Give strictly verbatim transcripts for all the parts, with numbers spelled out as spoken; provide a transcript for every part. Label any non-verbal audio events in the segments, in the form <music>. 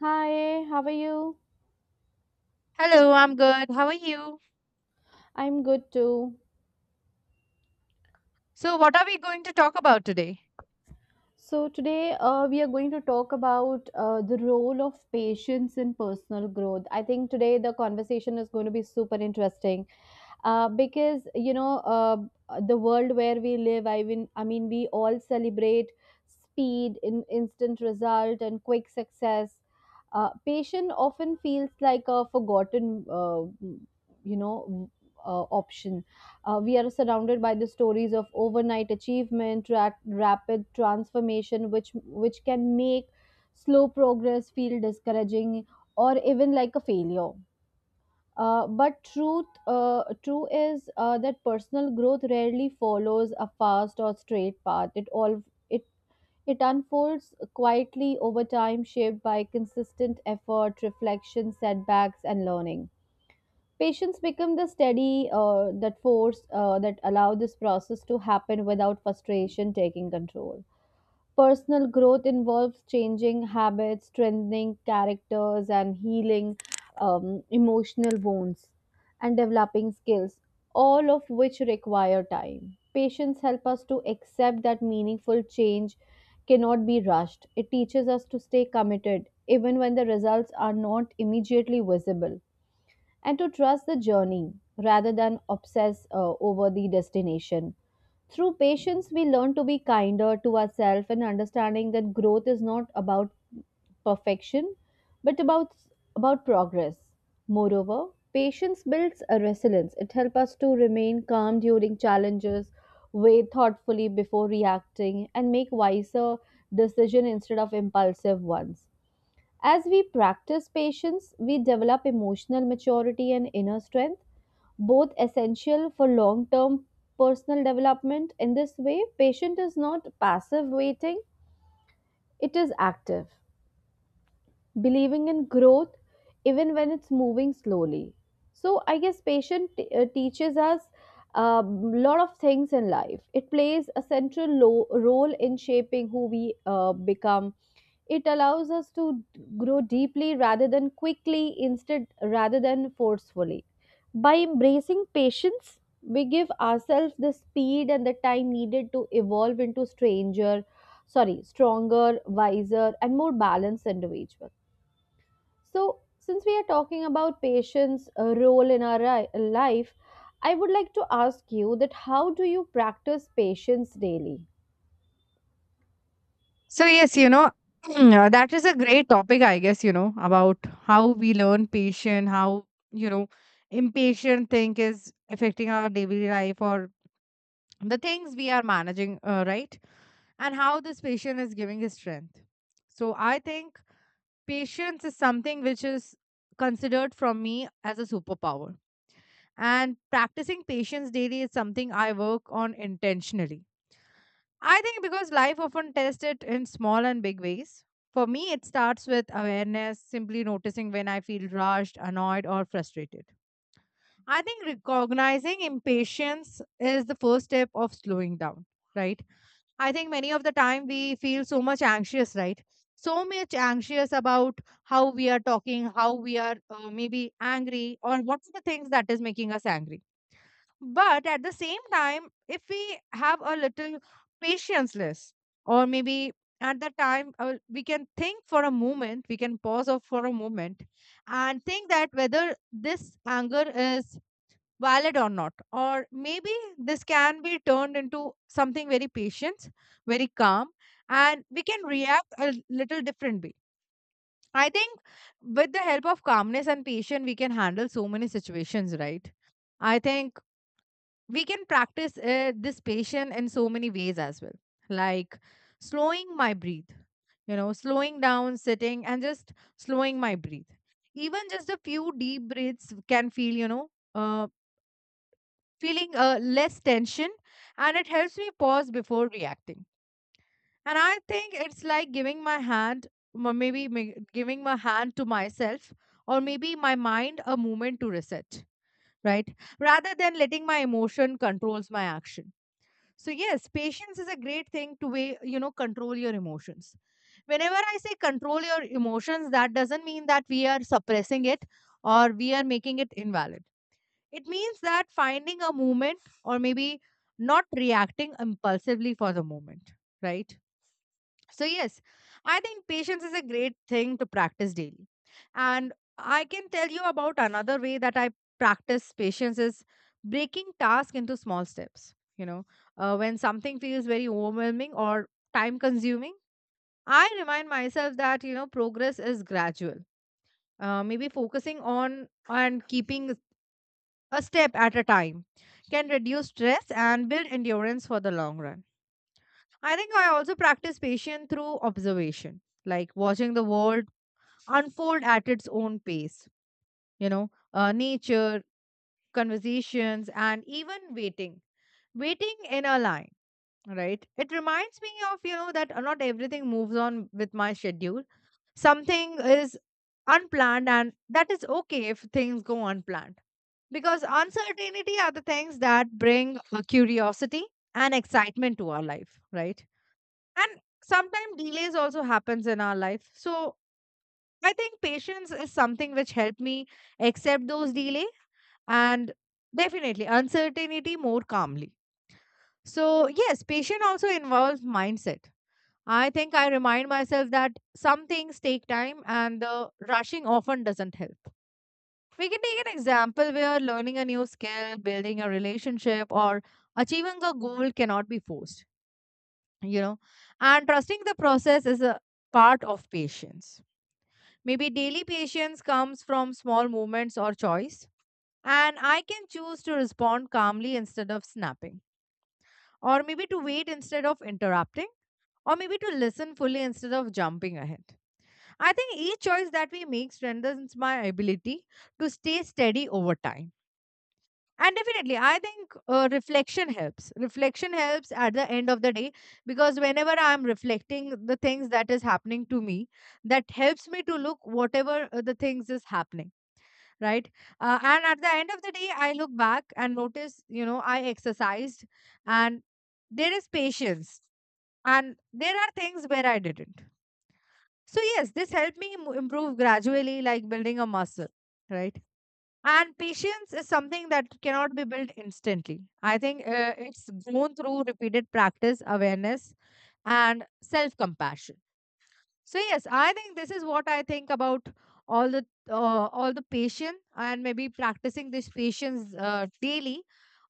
Hi, how are you? Hello, I'm good. How are you? I'm good too. So, what are we going to talk about today? So, today uh, we are going to talk about uh, the role of patience in personal growth. I think today the conversation is going to be super interesting, uh, because you know uh, the world where we live, i mean i mean we all celebrate speed in instant result and quick success. Uh, patient often feels like a forgotten, uh, you know uh, option. Uh, we are surrounded by the stories of overnight achievement, ra- rapid transformation, which which can make slow progress feel discouraging or even like a failure. Uh, but truth, uh, true is uh, that personal growth rarely follows a fast or straight path. It all it it unfolds quietly over time, shaped by consistent effort, reflection, setbacks, and learning. Patience become the steady uh, that force uh, that allow this process to happen without frustration taking control. Personal growth involves changing habits, strengthening characters, and healing um, emotional wounds and developing skills, all of which require time. Patience helps us to accept that meaningful change cannot be rushed. It teaches us to stay committed even when the results are not immediately visible, and to trust the journey rather than obsess uh, over the destination. Through patience, we learn to be kinder to ourselves and understanding that growth is not about perfection, but about about progress. Moreover, patience builds a resilience. It helps us to remain calm during challenges, weigh thoughtfully before reacting, and make wiser decisions instead of impulsive ones. As we practice patience, we develop emotional maturity and inner strength, both essential for long term personal development. In this way, patient is not passive waiting, it is active, believing in growth even when it's moving slowly. So, I guess patient t- uh, teaches us a lot of things in life. It plays a central lo- role in shaping who we uh, become. It allows us to grow deeply rather than quickly, instead rather than forcefully. By embracing patience, we give ourselves the speed and the time needed to evolve into stranger, sorry, stronger, wiser, and more balanced individual. So, since we are talking about patience uh, role in our ri- life, I would like to ask you that how do you practice patience daily? So, yes, you know, <clears throat> uh, that is a great topic, I guess, you know, about how we learn patient, how, you know, impatient thing is affecting our daily life or the things we are managing, uh, right? And how this patient is giving his strength. So, I think patience is something which is considered from me as a superpower. And practicing patience daily is something I work on intentionally, I think, because life often tests it in small and big ways. For me, it starts with awareness, simply noticing when I feel rushed, annoyed, or frustrated. I think recognizing impatience is the first step of slowing down, right? I think many of the time we feel so much anxious, right? So much anxious about how we are talking, how we are, uh, maybe angry, or what's the things that is making us angry, but at the same time, if we have a little patienceless, or maybe at the time uh, we can think for a moment, we can pause off for a moment and think that whether this anger is valid or not, or maybe this can be turned into something very patient, very calm, and we can react a little differently. I think with the help of calmness and patience, we can handle so many situations, right? I think we can practice uh, this patient in so many ways as well, like slowing my breathe, you know, slowing down, sitting and just slowing my breathe. Even just a few deep breaths can feel, you know, uh, feeling uh, less tension, and it helps me pause before reacting. And I think it's like giving my hand, m- maybe ma- giving my hand to myself or maybe my mind a moment to reset, right, rather than letting my emotion controls my action. So yes, patience is a great thing to way, you know, control your emotions. Whenever I say control your emotions, that doesn't mean that we are suppressing it or we are making it invalid. It means that finding a moment or maybe not reacting impulsively for the moment, right? So, yes, I think patience is a great thing to practice daily. And I can tell you about another way that I practice patience is breaking tasks into small steps. You know, uh, when something feels very overwhelming or time consuming, I remind myself that, you know, progress is gradual. Uh, maybe focusing on and keeping a step at a time can reduce stress and build endurance for the long run. I think I also practice patience through observation, like watching the world unfold at its own pace, you know, uh, nature, conversations, and even waiting. Waiting in a line, right? It reminds me of, you know, that not everything moves on with my schedule. Something is unplanned, and that is okay if things go unplanned. Because uncertainty are the things that bring uh, curiosity and excitement to our life, right? And sometimes delays also happens in our life. So I think patience is something which helped me accept those delay and definitely uncertainty more calmly. So yes, patience also involves mindset. I think I remind myself that some things take time and the rushing often doesn't help. We can take an example where learning a new skill, building a relationship, or achieving a goal cannot be forced, you know, and trusting the process is a part of patience. Maybe daily patience comes from small movements or choice, and I can choose to respond calmly instead of snapping, or maybe to wait instead of interrupting, or maybe to listen fully instead of jumping ahead. I think each choice that we make strengthens my ability to stay steady over time. And definitely, I think uh, reflection helps. Reflection helps at the end of the day, because whenever I'm reflecting the things that is happening to me, that helps me to look whatever uh, the things is happening, right? Uh, and at the end of the day, I look back and notice, you know, I exercised and there is patience, and there are things where I didn't. So, yes, this helped me mo- improve gradually, like building a muscle, right? And patience is something that cannot be built instantly. I think uh, it's grown through repeated practice, awareness, and self compassion. So yes, I think this is what I think about all the uh, all the patience, and maybe practicing this patience uh, daily,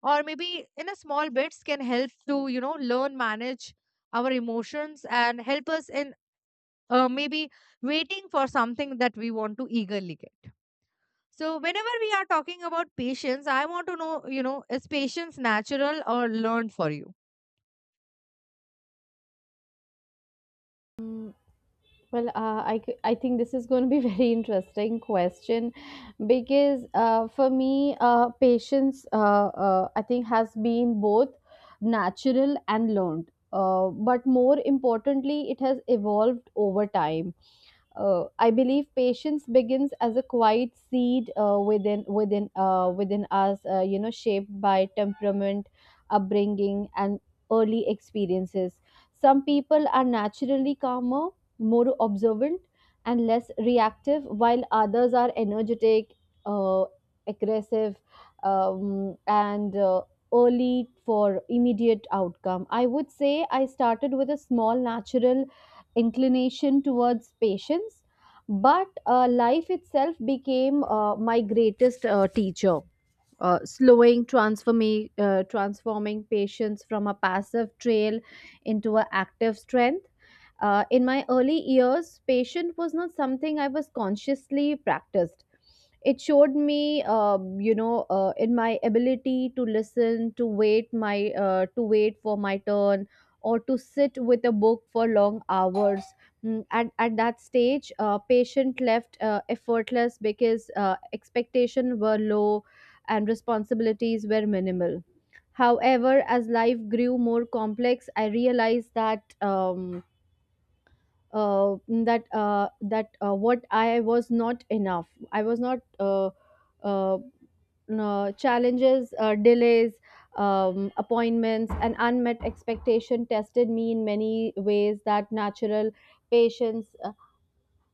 or maybe in a small bits can help to, you know, learn manage our emotions and help us in, uh, maybe waiting for something that we want to eagerly get. So whenever we are talking about patience, I want to know, you know, is patience natural or learned for you? Well, uh, I, c- I think this is going to be <laughs> very interesting question, because uh, for me, uh, patience, uh, uh, I think, has been both natural and learned. Uh, but more importantly, it has evolved over time. Uh, I believe patience begins as a quiet seed uh, within within uh, within us, uh, you know, shaped by temperament, upbringing, and early experiences. Some people are naturally calmer, more observant, and less reactive, while others are energetic, uh, aggressive, um, and uh, early for immediate outcome. I would say I started with a small natural inclination towards patience, but uh, life itself became uh, my greatest uh, teacher, uh, slowing transforming, uh, transforming patience from a passive trail into an active strength. Uh, in my early years, patience was not something I was consciously practiced. It showed me, um, you know, uh, in my ability to listen, to wait my, uh, to wait for my turn, or to sit with a book for long hours. Mm, At, at that stage, uh, patient left uh, effortless, because uh, expectations were low and responsibilities were minimal. However, as life grew more complex, I realized that um, uh, that uh, that uh, what I was not enough. I was not uh, uh, uh, Challenges, uh, delays, um, appointments, and unmet expectation tested me in many ways that natural patience, uh,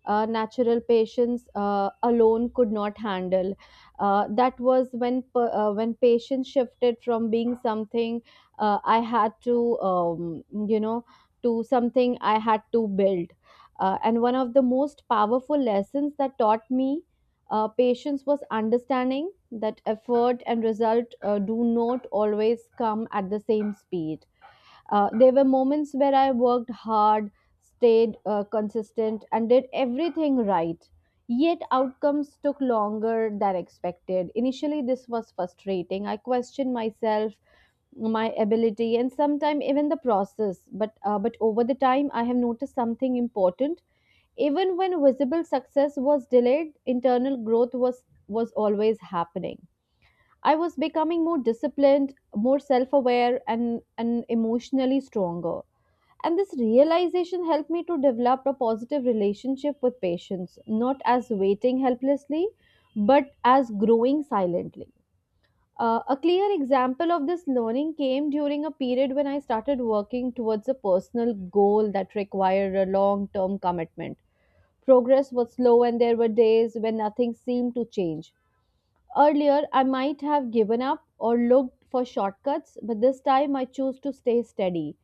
uh, natural patients uh, alone could not handle. Uh, that was when pa- uh, when patients shifted from being something uh, I had to, um, you know to something I had to build. Uh, and one of the most powerful lessons that taught me uh, patience was understanding that effort and result uh, do not always come at the same speed. Uh, there were moments where I worked hard, stayed uh, consistent, and did everything right. Yet outcomes took longer than expected. Initially, this was frustrating. I questioned myself, my ability, and sometimes even the process. But uh, but over the time, I have noticed something important. Even when visible success was delayed, internal growth was was always happening. I was becoming more disciplined, more self aware, and, and emotionally stronger. And this realization helped me to develop a positive relationship with patients, not as waiting helplessly, but as growing silently. Uh, a clear example of this learning came during a period when I started working towards a personal goal that required a long term commitment. Progress was slow, and there were days when nothing seemed to change. Earlier, I might have given up or looked for shortcuts, but this time I chose to stay steady.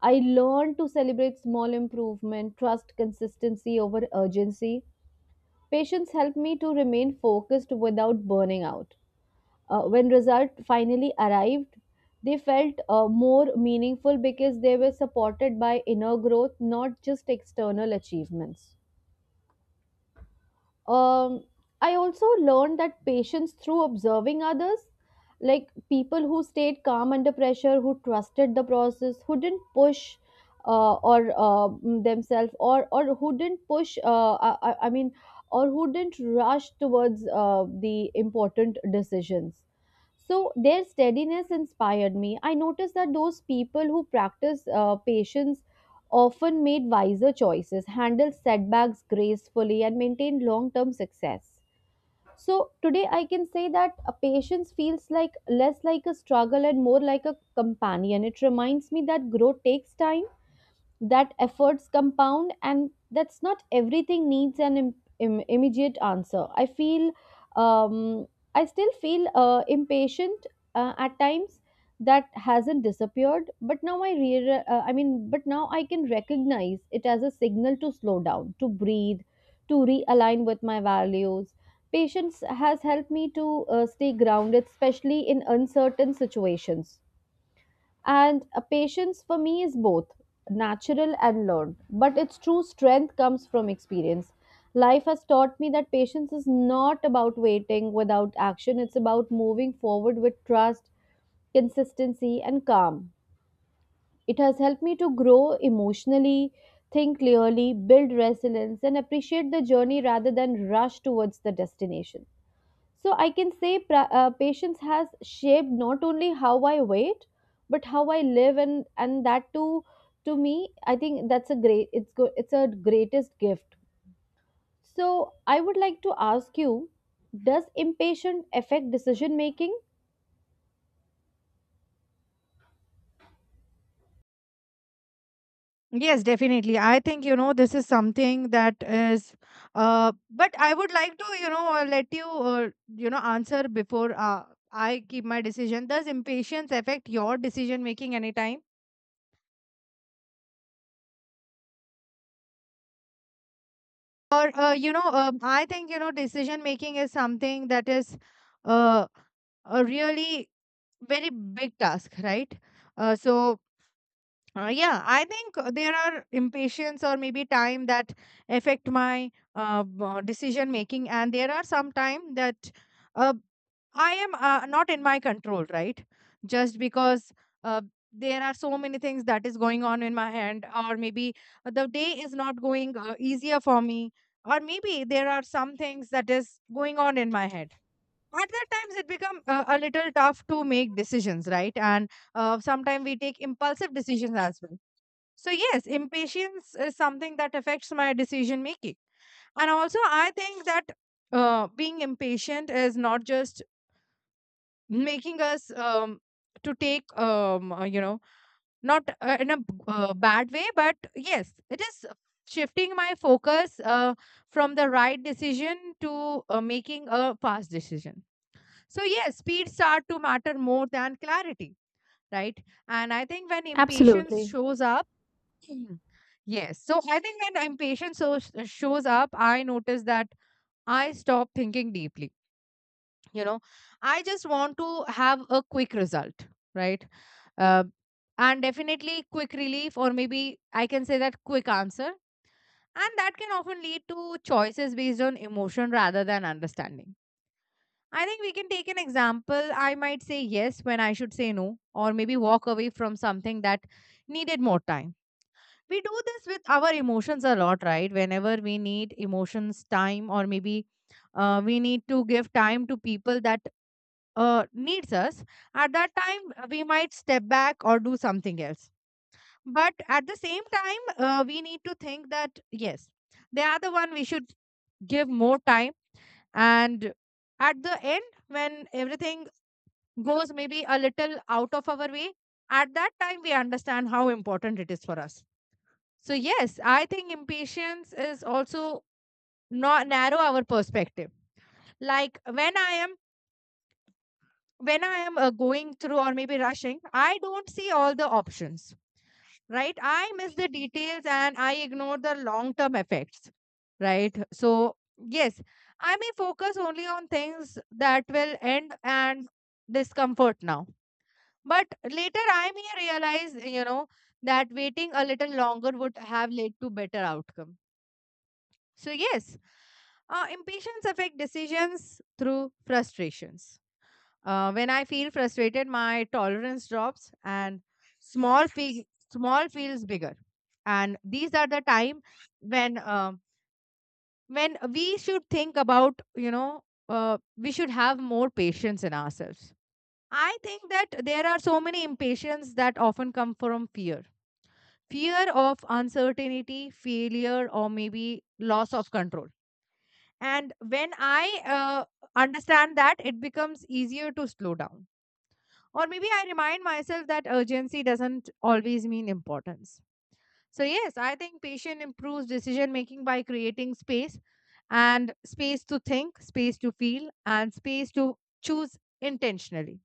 I learned to celebrate small improvement, trust consistency over urgency. Patience helped me to remain focused without burning out. Uh, when results finally arrived, they felt uh, more meaningful because they were supported by inner growth, not just external achievements. um, I also learned that patience through observing others, like people who stayed calm under pressure, who trusted the process, who didn't push uh, or uh, mm, themselves, or or who didn't push. Uh, I, I I mean, or who didn't rush towards uh, the important decisions. So their steadiness inspired me. I noticed that those people who practice uh, patience often made wiser choices, handled setbacks gracefully, and maintained long term success. So, today I can say that a patience feels like less like a struggle and more like a companion. It reminds me that growth takes time, that efforts compound, and that's not everything needs an im- im- immediate answer. I feel, um, I still feel uh, impatient uh, at times. That hasn't disappeared, but now I re- uh, I mean but now I can recognize it as a signal to slow down, to breathe, to realign with my values. Patience has helped me to uh, stay grounded, especially in uncertain situations. And uh, patience for me is both natural and learned, but its true strength comes from experience. Life has taught me that patience is not about waiting without action, it's about moving forward with trust, consistency, and calm. It has helped me to grow emotionally, think clearly, build resilience, and appreciate the journey rather than rush towards the destination. So I can say pra- uh, patience has shaped not only how I wait, but how I live, and and that too, to me, I think that's a great. It's good. It's a greatest gift. So I would like to ask you, does impatience affect decision making? Yes, definitely. I think, you know, this is something that is, uh, but I would like to, you know, uh, let you, uh, you know, answer before uh, I keep my decision. Does impatience affect your decision making anytime? Or, uh, you know, um, I think, you know, decision making is something that is uh, a really very big task, right? Uh, so Uh, yeah, I think uh, there are impatience or maybe time that affect my uh, b- uh, decision making, and there are some time that uh, I am uh, not in my control, right? Just because uh, there are so many things that is going on in my hand, or maybe the day is not going uh, easier for me, or maybe there are some things that is going on in my head. At that times, it become uh, a little tough to make decisions, right? And uh, sometimes we take impulsive decisions as well. So, yes, impatience is something that affects my decision making. And also, I think that uh, being impatient is not just making us um, to take, um, uh, you know, not uh, in a b- uh, bad way, but yes, it is shifting my focus uh, from the right decision to uh, making a fast decision. So, yes, speed start to matter more than clarity, right? And I think when impatience shows up, Mm. Yes. So I think when impatience so shows up, I notice that I stop thinking deeply. You know, I just want to have a quick result, right? Uh, and definitely quick relief, or maybe I can say that quick answer. And that can often lead to choices based on emotion rather than understanding. I think we can take an example. I might say yes when I should say no, or maybe walk away from something that needed more time. We do this with our emotions a lot, right? Whenever we need emotions time, or maybe uh, we need to give time to people that uh, needs us, at that time uh, we might step back or do something else. But at the same time, uh, we need to think that yes, they are the one we should give more time. And at the end, when everything goes maybe a little out of our way, at that time we understand how important it is for us. So, yes, I think impatience is also not narrow our perspective. Like when I am, when I am uh, going through or maybe rushing, I don't see all the options, right? I miss the details and I ignore the long term effects, right? So, yes, I may focus only on things that will end and discomfort now. But later, I may realize, you know, that waiting a little longer would have led to better outcomes. So, yes, uh, impatience affect decisions through frustrations. Uh, when I feel frustrated, my tolerance drops and small fe- small feels bigger. And these are the time when um, when we should think about, you know, uh, we should have more patience in ourselves. I think that there are so many impatience that often come from fear, fear of uncertainty, failure, or maybe loss of control. And when I uh, understand that, it becomes easier to slow down. Or maybe I remind myself that urgency doesn't always mean importance. So, yes, I think patience improves decision making by creating space, and space to think, space to feel, and space to choose intentionally.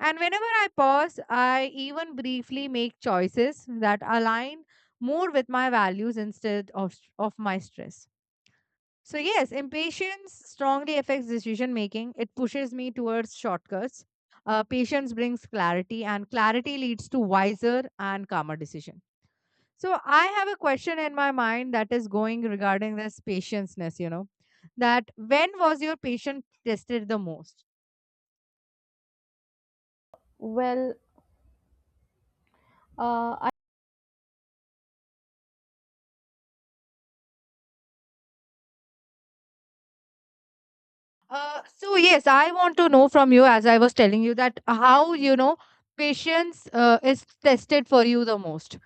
And whenever I pause, I even briefly make choices that align more with my values instead of, of my stress. So, yes, impatience strongly affects decision making. It pushes me towards shortcuts. Uh, patience brings clarity, and clarity leads to wiser and calmer decision. So, I have a question in my mind that is going regarding this patienceness, you know, that when was your patience tested the most? Well, uh, I, Uh, so, yes, I want to know from you, as I was telling you, that how, you know, patience uh, is tested for you the most.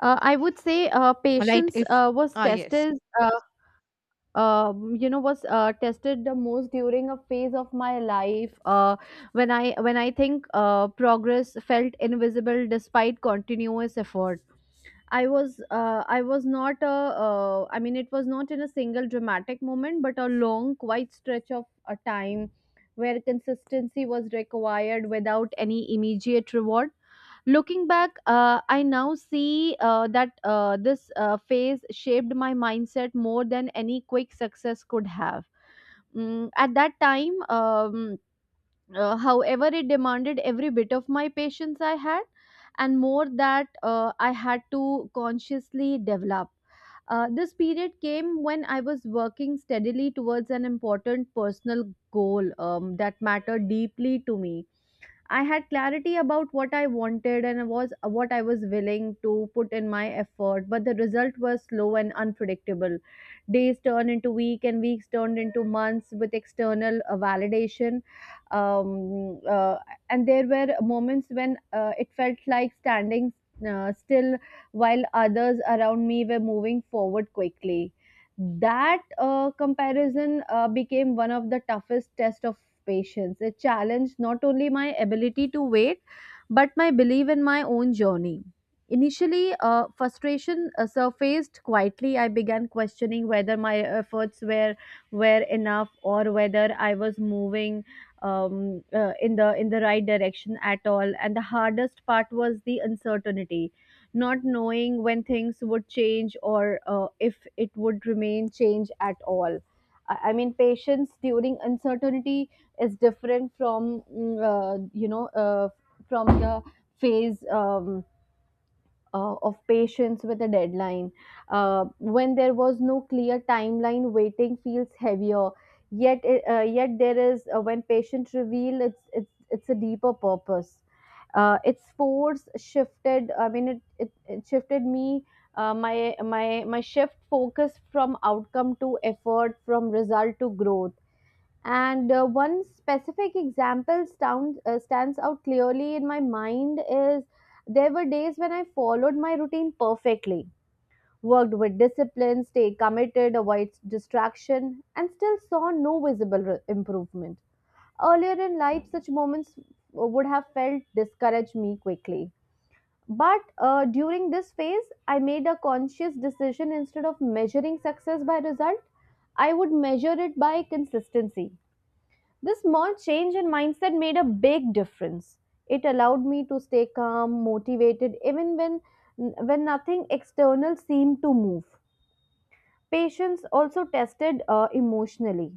uh, I would say uh, Right? patience If, uh, was ah, yes. tested. Uh, um, you know, was uh, tested the most during a phase of my life uh, when i when i think uh, progress felt invisible despite continuous effort. I was uh, I was not a uh, I mean it was not in a single dramatic moment, but a long quiet stretch of a time where consistency was required without any immediate reward. Looking back, uh, I now see uh, that uh, this uh, phase shaped my mindset more than any quick success could have. Mm, at that time, um, uh, however, it demanded every bit of my patience I had, and more that uh, I had to consciously develop. Uh, this period came when I was working steadily towards an important personal goal um, that mattered deeply to me. I had clarity about what I wanted and was what I was willing to put in my effort, but the result was slow and unpredictable. Days turned into week, and weeks turned into months with external uh, validation. Um, uh, and there were moments when uh, it felt like standing uh, still while others around me were moving forward quickly. That uh, comparison uh, became one of the toughest tests of patience. It challenged not only my ability to wait, but my belief in my own journey. Initially, uh, frustration uh, surfaced quietly. I began questioning whether my efforts were were enough, or whether I was moving, um, uh, in the in the right direction at all. And the hardest part was the uncertainty, not knowing when things would change, or uh, if it would remain change at all. I I mean, patience during uncertainty is different from mm, uh, you know uh, from the phase. Um, uh, of patience with a deadline. Uh, when there was no clear timeline, waiting feels heavier. Yet, it, uh, yet there is uh, when patient reveal it's it's it's a deeper purpose. Uh, its force shifted. I mean, it it, it shifted me. Uh, my my my shift focus from outcome to effort, from result to growth, and uh, one specific example sound, uh, stands out clearly in my mind is there were days when I followed my routine perfectly, worked with discipline, stayed committed, avoid distraction, and still saw no visible re- improvement. Earlier in life, such moments would have felt discouraged me quickly. But uh, during this phase, I made a conscious decision: instead of measuring success by result, I would measure it by consistency. This small change in mindset made a big difference. It allowed me to stay calm, motivated, even when when nothing external seemed to move. Patients also tested, uh, emotionally.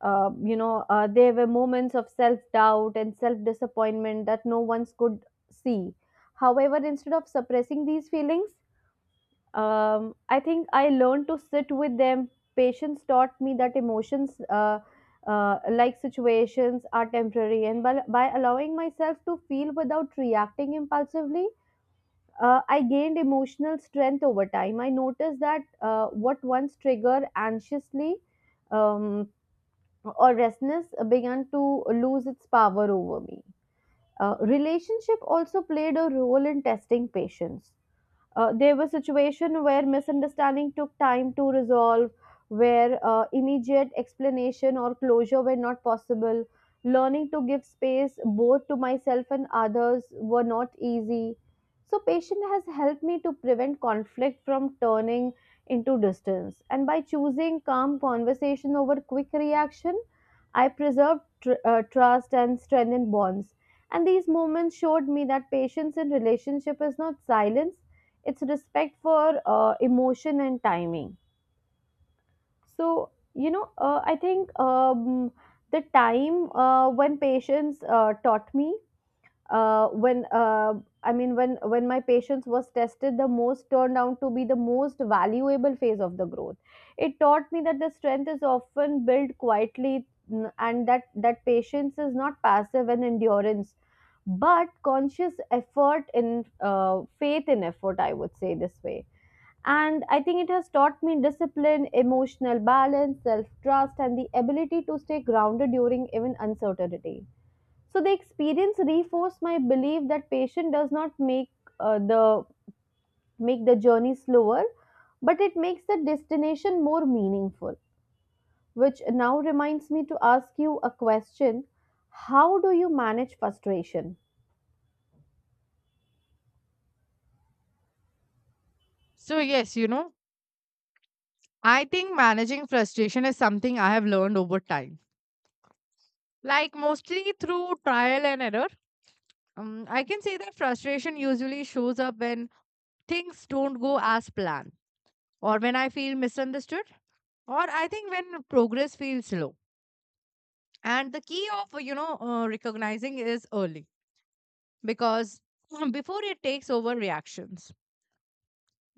Uh, you know, uh, there were moments of self doubt and self disappointment that no one could see. However, instead of suppressing these feelings, um, I think I learned to sit with them. Patience taught me that emotions, uh, uh, like situations, are temporary, and by, by allowing myself to feel without reacting impulsively, uh, I gained emotional strength over time. I noticed that uh, what once triggered anxiously um, or restlessness began to lose its power over me. Uh, relationship also played a role in testing patience. Uh, there were situations where misunderstanding took time to resolve, where uh, immediate explanation or closure were not possible. Learning to give space both to myself and others were not easy. So, patience has helped me to prevent conflict from turning into distance. And by choosing calm conversation over quick reaction, I preserved tr- uh, trust and strengthened bonds. And these moments showed me that patience in relationship is not silence, it's respect for uh, emotion and timing. So, you know uh, I think, um, the time uh, when patients uh, taught me, uh, when uh, I mean when when my patience was tested the most turned out to be the most valuable phase of the growth. It taught me that the strength is often built quietly, n- and that that patience is not passive and endurance but conscious effort in, uh, faith in effort, I would say this way. And I think it has taught me discipline, emotional balance, self trust, and the ability to stay grounded during even uncertainty. So the experience reinforced my belief that patience does not make, uh, the make the journey slower, but it makes the destination more meaningful. Which now reminds me to ask you a question: how do you manage frustration? So, yes, you know, I think managing frustration is something I have learned over time, like mostly through trial and error. Um, I can say that frustration usually shows up when things don't go as planned, or when I feel misunderstood, or I think when progress feels slow. And the key of you know uh, recognizing is early because <clears throat> um, before it takes over reactions.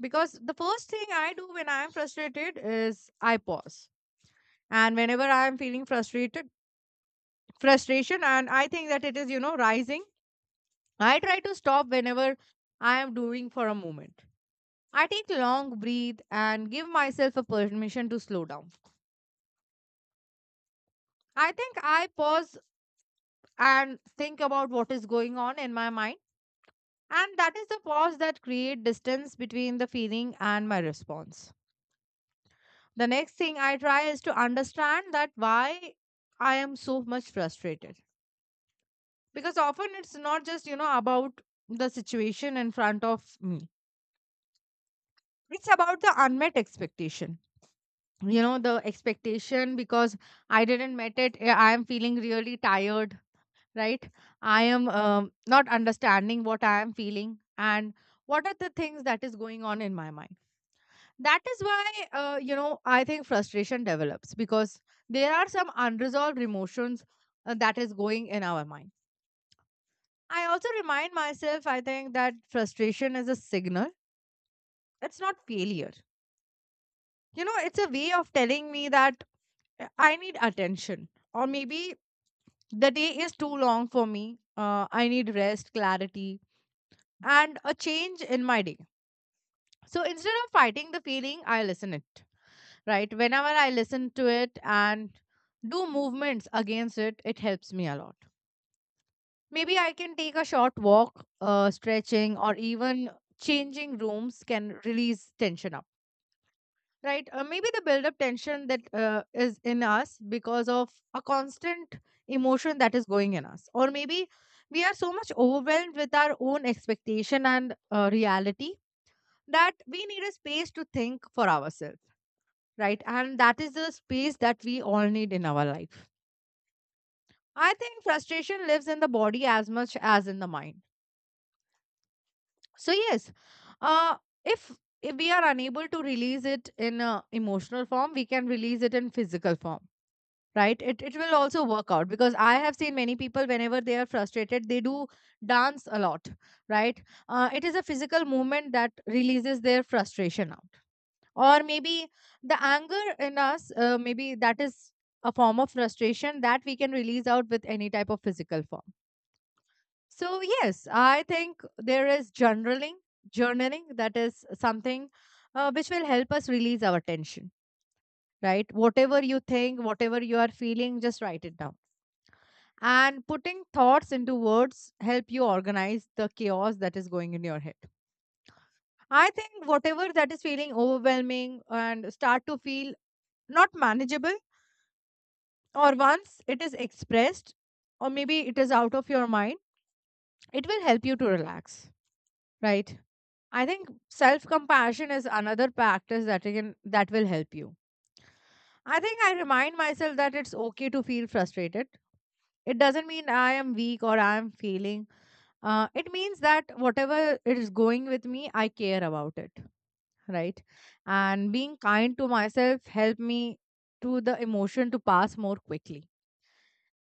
Because the first thing I do when I am frustrated is I pause, and whenever I am feeling frustrated. Frustration and I think that it is you know rising, I try to stop whenever I am doing for a moment. I take long breathe and give myself a permission to slow down. I think I pause and think about what is going on in my mind, and that is the pause that create distance between the feeling and my response. The next thing I try is to understand that why I am so much frustrated, because often it's not just you know about the situation in front of me. It's about the unmet expectation, you know, the expectation because I didn't met it. eh, I am feeling really tired, right. I am um, not understanding what I am feeling and what are the things that is going on in my mind. That is why uh, you know I think frustration develops because there are some unresolved emotions uh, that is going in our mind. I also remind myself, I think, that frustration is a signal. It's not failure. You know, it's a way of telling me that uh, I need attention, or maybe the day is too long for me. Uh, I need rest, clarity, and a change in my day. So instead of fighting the feeling, I listen it. Right, whenever I listen to it and do movements against it, it helps me a lot. Maybe I can take a short walk, uh, stretching, or even changing rooms can release tension out. Right, uh, maybe the build up tension that uh, is in us because of a constant emotion that is going in us, or maybe we are so much overwhelmed with our own expectation and uh, reality, that we need a space to think for ourselves. Right, and that is the space that we all need in our life. I think frustration lives in the body as much as in the mind. So yes, uh if if we are unable to release it in a emotional form we can release it in physical form. Right, it, it will also work out, because I have seen many people whenever they are frustrated they do dance a lot. Right, uh, it is a physical movement that releases their frustration out. Or maybe the anger in us, uh, maybe that is a form of frustration that we can release out with any type of physical form. So yes, I think there is journaling journaling that is something uh, which will help us release our tension. Right, whatever you think, whatever you are feeling, just write it down. And putting thoughts into words help you organize the chaos that is going in your head. I think whatever that is feeling overwhelming and start to feel not manageable, or once it is expressed, or maybe it is out of your mind, it will help you to relax. Right. I think self compassion is another practice that you can that will help you. I think I remind myself that it's okay to feel frustrated. It doesn't mean I am weak or I am failing. Uh, it means that whatever is going with me I care about it. Right. And being kind to myself help me to the emotion to pass more quickly.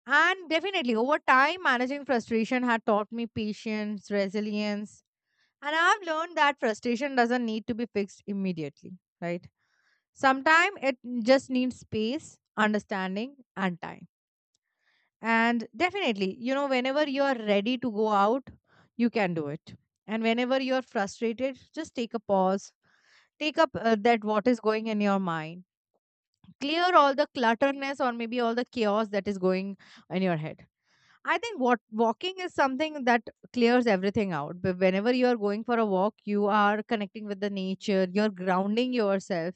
And definitely, over time, managing frustration had taught me patience, resilience, and I've learned that frustration doesn't need to be fixed immediately. Right. Sometimes it just needs space, understanding, and time. And definitely, you know, whenever you are ready to go out, you can do it. And whenever you're frustrated, just take a pause. Take up uh, that what is going in your mind. Clear all the clutterness or maybe all the chaos that is going in your head. I think what walking is something that clears everything out. But whenever you are going for a walk, you are connecting with the nature, you're grounding yourself,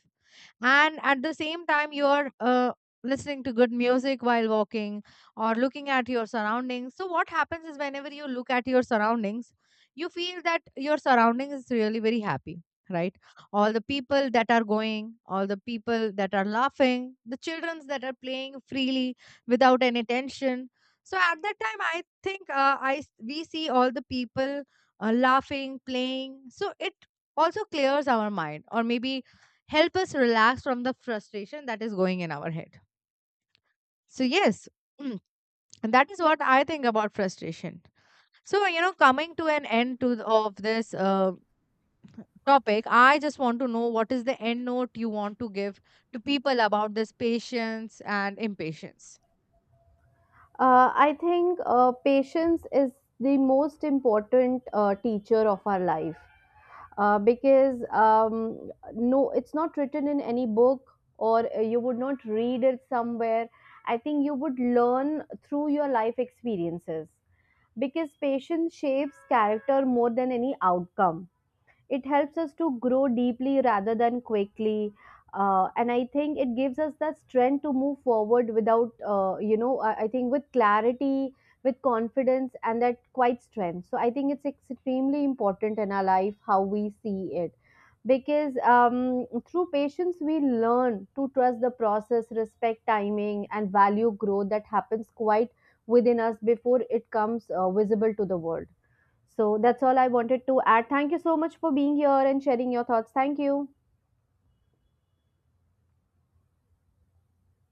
and at the same time you're uh, listening to good music while walking, or looking at your surroundings. So what happens is whenever you look at your surroundings, you feel that your surroundings is really very happy. Right, all the people that are going, all the people that are laughing, the childrens that are playing freely without any tension. So at that time I think uh, i s- we see all the people uh, laughing, playing, so it also clears our mind, or maybe help us relax from the frustration that is going in our head. So, yes, <clears throat> and that is what I think about frustration. So, you know, coming to an end to th- of this uh, topic, I just want to know what is the end note you want to give to people about this patience and impatience. Uh, I think uh, patience is the most important uh, teacher of our life, uh, because um, no, it's not written in any book or uh, you would not read it somewhere. I think you would learn through your life experiences, because patience shapes character more than any outcome. It helps us to grow deeply rather than quickly. Uh, and I think it gives us that strength to move forward without, uh, you know I, I think with clarity, with confidence, and that quite strength. So I think it's extremely important in our life how we see it, because um, through patience we learn to trust the process, respect timing, and value growth that happens quite within us before it comes uh, visible to the world. So that's all I wanted to add. Thank you so much for being here and sharing your thoughts. Thank you.